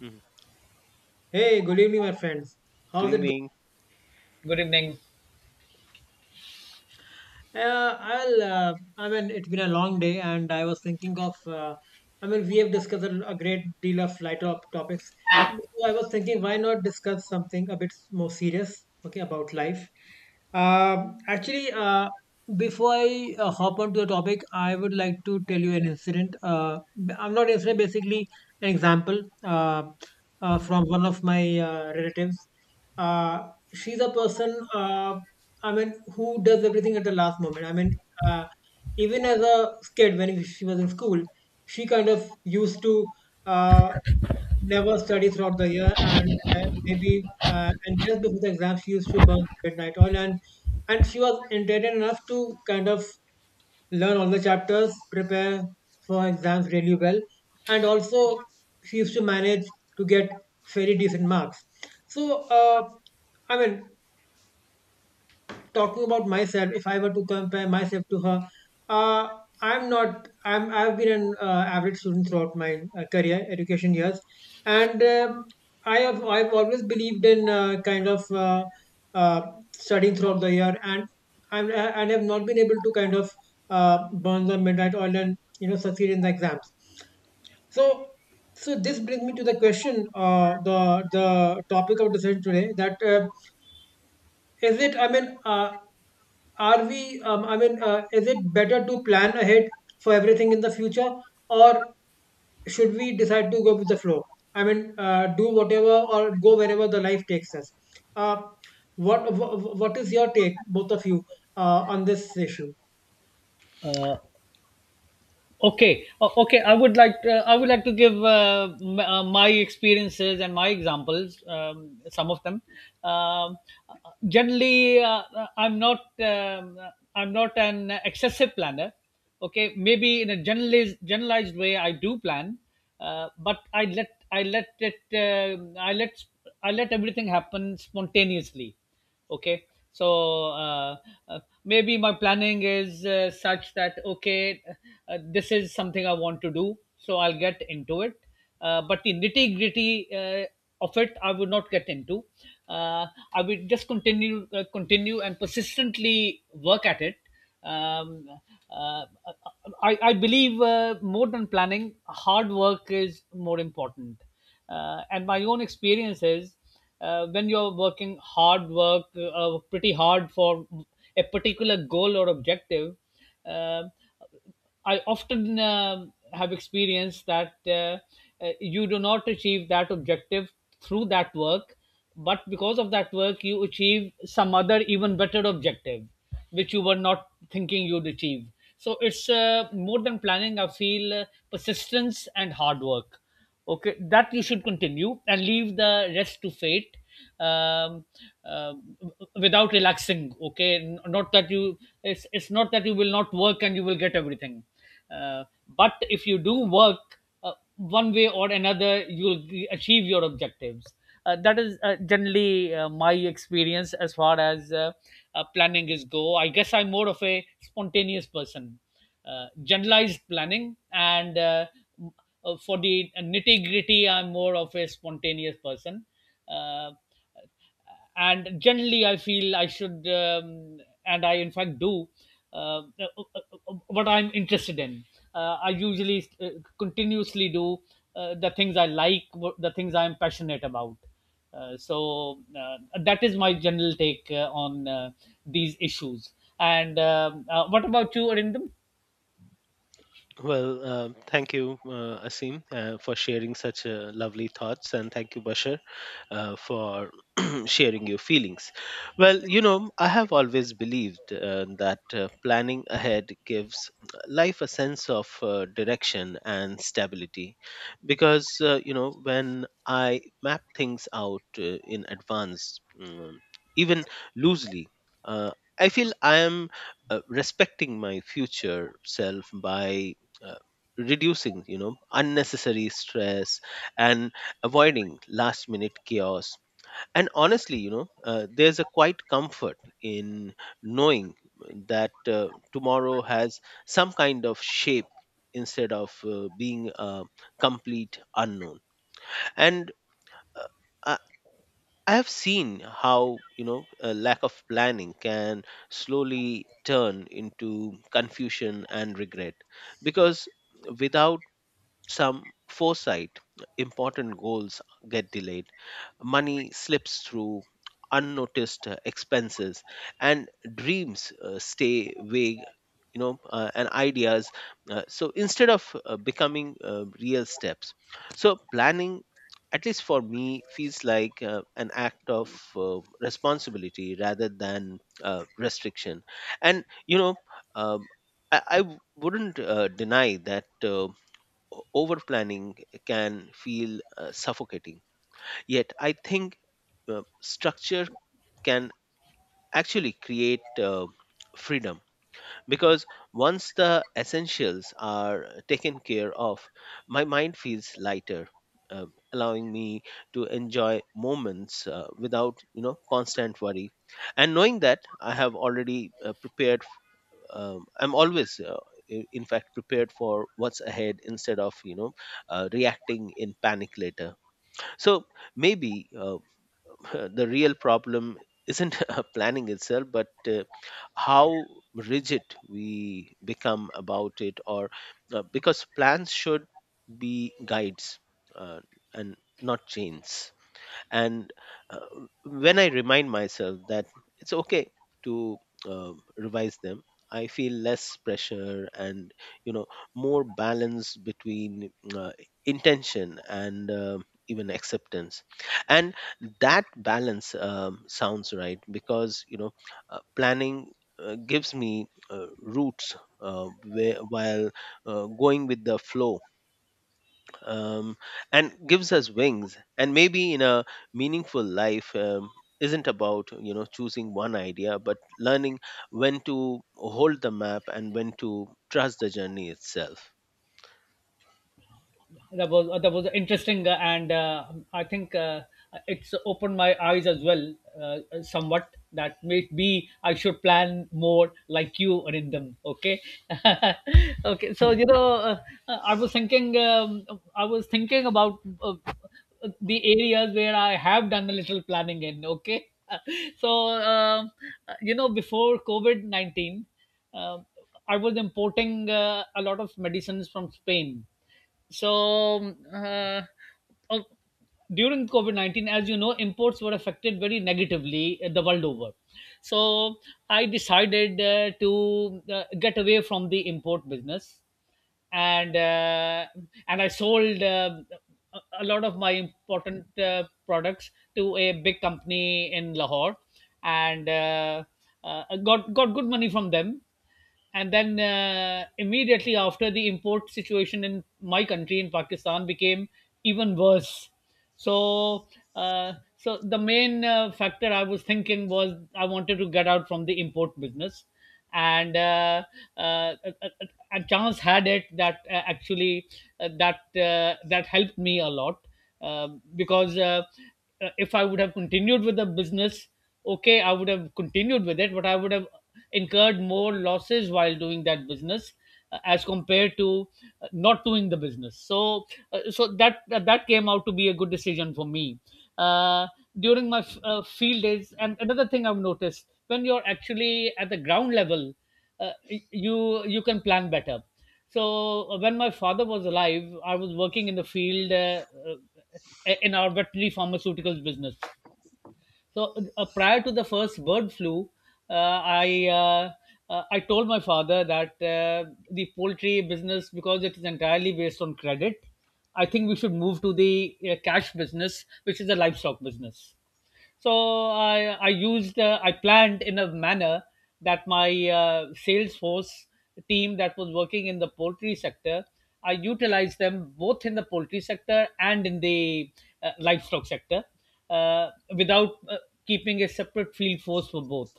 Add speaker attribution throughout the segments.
Speaker 1: Mhm.
Speaker 2: Hey, good evening, my friends.
Speaker 1: Good
Speaker 2: How's it going?
Speaker 1: evening.
Speaker 3: Good evening.
Speaker 2: It's been a long day, and I was thinking. We have discussed a great deal of topics. So I was thinking, why not discuss something a bit more serious? Okay, about life. Um actually, uh, Before I hop onto the topic, I would like to tell you an incident. B- I'm not incident, Basically an example from one of my relatives. Uh, she's a person. Who does everything at the last moment? Uh, Even as a kid, when she was in school, she kind of used to uh, never study throughout the year, and maybe and just before the exam, she used to burn the midnight oil, and she was intelligent enough to kind of learn all the chapters, prepare for exams really well, and also she used to manage to get very decent marks. So, I mean, talking about myself, if I were to compare myself to her, uh, I'm not. I'm. I've been an average student throughout my career, education years, and I have. I've always believed in kind of uh, studying throughout the year, and I'm. I- And have not been able to kind of uh, burn the midnight oil and succeed in the exams. So, so, this brings me to the question, uh, the the topic of discussion today. That is it. I mean, are we I mean Is it better to plan ahead for everything in the future, or should we decide to go with the flow? Do whatever, or go wherever the life takes us? uh, what is your take, both of you, on this issue?
Speaker 3: Uh, okay. I would like to give my experiences and my examples. Some of them. Um, Generally, I'm not an excessive planner. Okay, maybe in a generalized way, I do plan, but I let everything happen spontaneously. Okay, so uh, maybe my planning is such that, okay, this is something I want to do, so I'll get into it, but the nitty gritty uh, of it I would not get into. uh, I will just continue and persistently work at it. um, uh, I believe, more than planning, hard work is more important, and my own experience is, when you're working hard work pretty hard for a particular goal or objective, uh, I often have experienced that you do not achieve that objective through that work, but because of that work you achieve some other even better objective which you were not thinking you'd achieve. So it's, more than planning, I feel, persistence and hard work. Okay, that you should continue and leave the rest to fate, um, um, without relaxing. Okay, not that you, it's not that you will not work and you will get everything, uh, but if you do work, one way or another you'll achieve your objectives. That is, generally, my experience as far as planning is go. I guess I'm more of a spontaneous person. Generalized planning, and for the nitty gritty, I'm more of a spontaneous person. Uh, and generally, I feel I should, and I in fact do, uh, uh, uh, what I'm interested in. I usually continuously do the things I like, the things I'm passionate about. So that is my general take on these issues. And what about you, Arindam?
Speaker 1: Well, thank you, Asim, for sharing such lovely thoughts, and thank you, Bashar, for sharing your feelings. Well, I have always believed that planning ahead gives life a sense of direction and stability, because you know when I map things out in advance, even loosely. Uh, I feel I am respecting my future self by uh, reducing unnecessary stress and avoiding last minute chaos, and honestly, there's a quite comfort in knowing that tomorrow has some kind of shape instead of being a complete unknown. And uh, i I have seen how a lack of planning can slowly turn into confusion and regret, because without some foresight, important goals get delayed, money slips through unnoticed expenses, and dreams stay vague. You know, and ideas. So instead of becoming real steps, so planning, at least for me, feels like an act of responsibility rather than restriction. And um, I wouldn't deny that. Over planning can feel suffocating. Yet, I think structure can actually create freedom, because once the essentials are taken care of, my mind feels lighter, um allowing me to enjoy moments without constant worry, and knowing that I have already prepared. I'm always in fact prepared for what's ahead, instead of reacting in panic later. So maybe the real problem isn't planning itself, but how rigid we become about it. Or because plans should be guides, uh, and not chains. And uh, when I remind myself that it's okay to revise them, I feel less pressure and, you know more balance between intention and even acceptance. And that balance sounds right, because planning gives me roots, uh, while going with the flow um, and gives us wings. And maybe in a meaningful life, isn't about choosing one idea, but learning when to hold the map and when to trust the journey itself.
Speaker 3: That was interesting, and I think it's opened my eyes as well, somewhat. That maybe I should plan more like you, Anindam. Okay. Okay, so you know, I was thinking, I was thinking about uh, the areas where I have done a little planning in. Okay. So, um, you know, before COVID-19, um, I was importing a lot of medicines from Spain. So, uh, during COVID 19, as you know, imports were affected very negatively the world over. So I decided to get away from the import business, and uh, and I sold, a lot of my important products to a big company in Lahore, and got good money from them. And then, immediately after, the import situation in my country, in Pakistan, became even worse. So, so the main factor I was thinking was, I wanted to get out from the import business, and uh, a a- a chance had it that actually, uh, that that helped me a lot, uh, because if I would have continued with the business, okay, I would have continued with it, but I would have incurred more losses while doing that business as compared to not doing the business. So, that came out to be a good decision for me. uh, During my field days, and another thing I've noticed: when you're actually at the ground level, you you can plan better. So, when my father was alive, I was working in the field, uh, in our veterinary pharmaceuticals business. So prior to the first bird flu, uh, I uh, I told my father that, the poultry business, because it is entirely based on credit, I think we should move to the cash business, which is the livestock business. So I used I planned in a manner that my salesforce team that was working in the poultry sector, I utilized them both in the poultry sector and in the livestock sector, uh, without keeping a separate field force for both.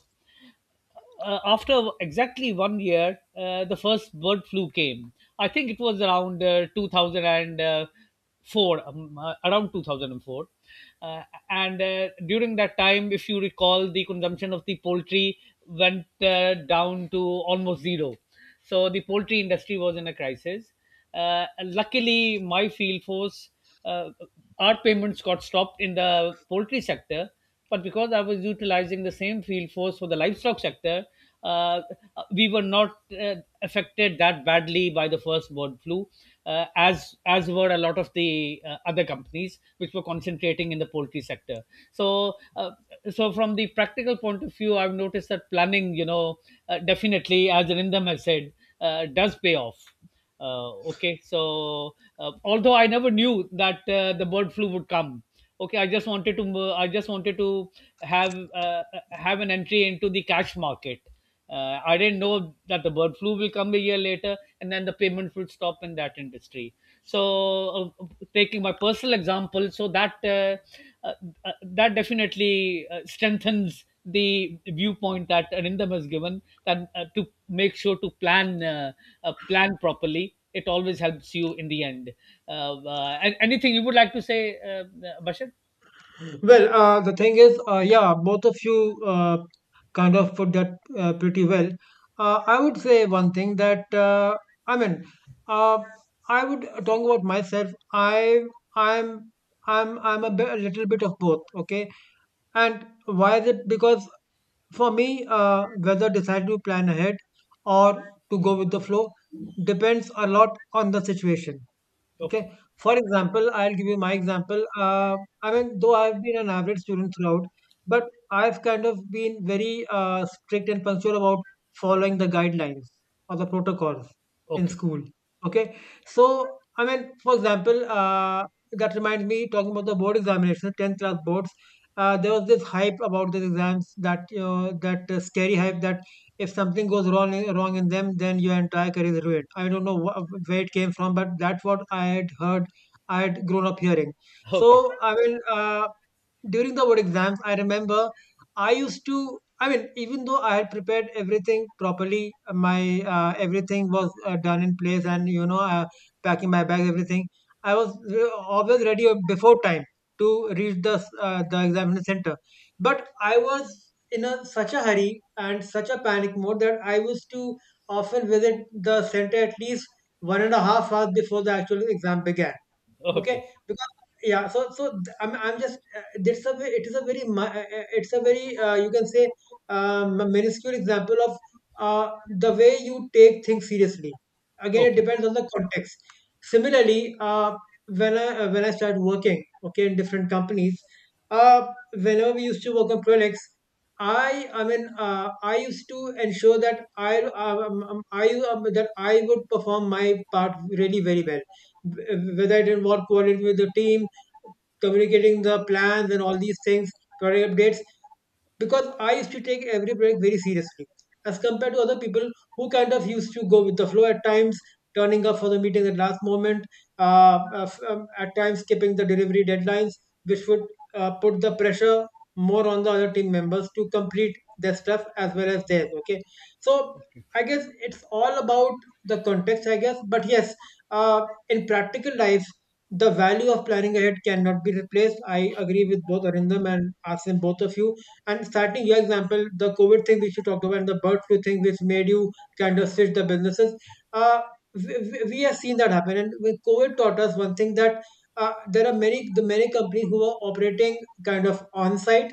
Speaker 3: After exactly 1 year, the first bird flu came. I think it was around 2004, around 2004. Uh, and During that time, if you recall, the consumption of the poultry went down to almost zero. So the poultry industry was in a crisis. Luckily, my field force, uh, our payments got stopped in the poultry sector, but because I was utilizing the same field force for the livestock sector, uh, we were not affected that badly by the first bird flu, as were a lot of the other companies which were concentrating in the poultry sector. So, from the practical point of view, I've noticed that planning, you know, definitely, as Rindam has said, does pay off. Okay, so although I never knew that the bird flu would come. Okay, I just wanted to have uh, have an entry into the cash market. I didn't know that the bird flu will come a year later, and then the payments would stop in that industry. So, taking my personal example, so that uh, that definitely strengthens the viewpoint that Arindam has given, that to make sure to plan, plan properly. It always helps you in the end. Anything you would like to say, Bashar?
Speaker 2: Well, the thing is, yeah, both of you kind of put that pretty well. I would say one thing that I mean, uh, I would talk about myself. I I'm I'm a little bit of both. Okay, and why is it? Because for me, whether deciding to plan ahead or to go with the flow depends a lot on the situation.
Speaker 3: Okay,
Speaker 2: Okay. For example, I'll give you my example. Though I've been an average student throughout, but I've kind of been very strict and punctual about following the guidelines or the protocols in
Speaker 3: okay,
Speaker 2: school. Okay. So, I mean, for example, that reminds me, talking about the board examination, 10th class boards. There was this hype about these exams, that you know, that scary hype, that if something goes wrong in them, then your entire career is ruined. I don't know where it came from, but that's what I had heard. I had grown up hearing.
Speaker 3: okay,
Speaker 2: So during the board exams, I remember I used to. I mean, even though I had prepared everything properly, my everything was done in place, and you know, packing my bag, everything. I was always ready before time to reach the examination center, but I was in such a hurry and such a panic mode that I used to often visit the center at least 1.5 hours before the actual exam began. Okay,
Speaker 3: okay,
Speaker 2: because yeah, so so th- I'm just it's a ve- it is a very mi- it's a very you can say minuscule example of uh, the way you take things seriously. Again, it
Speaker 3: okay,
Speaker 2: depends on the context. Similarly, when I started working, okay, in different companies, uh, whenever we used to work on projects, I used to ensure that I that I would perform my part really very well, whether it involved coordinating with the team, communicating the plans and all these things, product updates. Because I used to take every project very seriously, as compared to other people who kind of used to go with the flow at times, turning up for the meeting at last moment, uh, uh, at times skipping the delivery deadlines, which would put the pressure more on the other team members to complete their stuff as well as theirs. Okay, so
Speaker 3: okay.
Speaker 2: I guess it's all about the context, I guess. But yes, in practical life, the value of planning ahead cannot be replaced. I agree with both Arindam and Asim, both of you. And starting your example, the COVID thing which you talked about and the bird flu thing which made you kind of switch the businesses, uh, we have seen that happen. And with COVID taught us one thing: that there are many companies who are operating kind of on site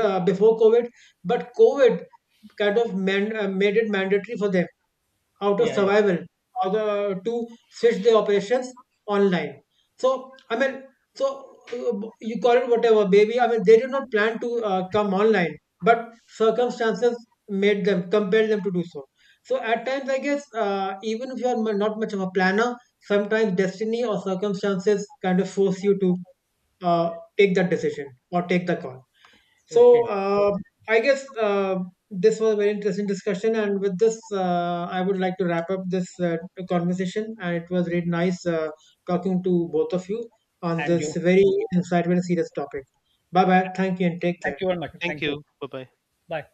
Speaker 2: before COVID, but COVID kind of made it mandatory for them, out of
Speaker 3: Yeah, yeah.
Speaker 2: survival, or the to switch their operations online. So I mean, so uh, you call it whatever, baby. I mean, they did not plan to come online, but circumstances made them compelled them to do so. So at times, I guess, even if you are not much of a planner, sometimes destiny or circumstances kind of force you to uh, take that decision or take the call.
Speaker 3: Okay.
Speaker 2: So I guess this was a very interesting discussion, and with this, I would like to wrap up this conversation. And it was really nice talking to both of you on
Speaker 3: And
Speaker 2: this
Speaker 3: you.
Speaker 2: very insightful and serious topic. Bye bye. Thank you and take
Speaker 3: Thank
Speaker 2: care.
Speaker 3: you very much.
Speaker 1: Thank
Speaker 3: Thank you.
Speaker 1: you. Bye bye.
Speaker 3: Bye.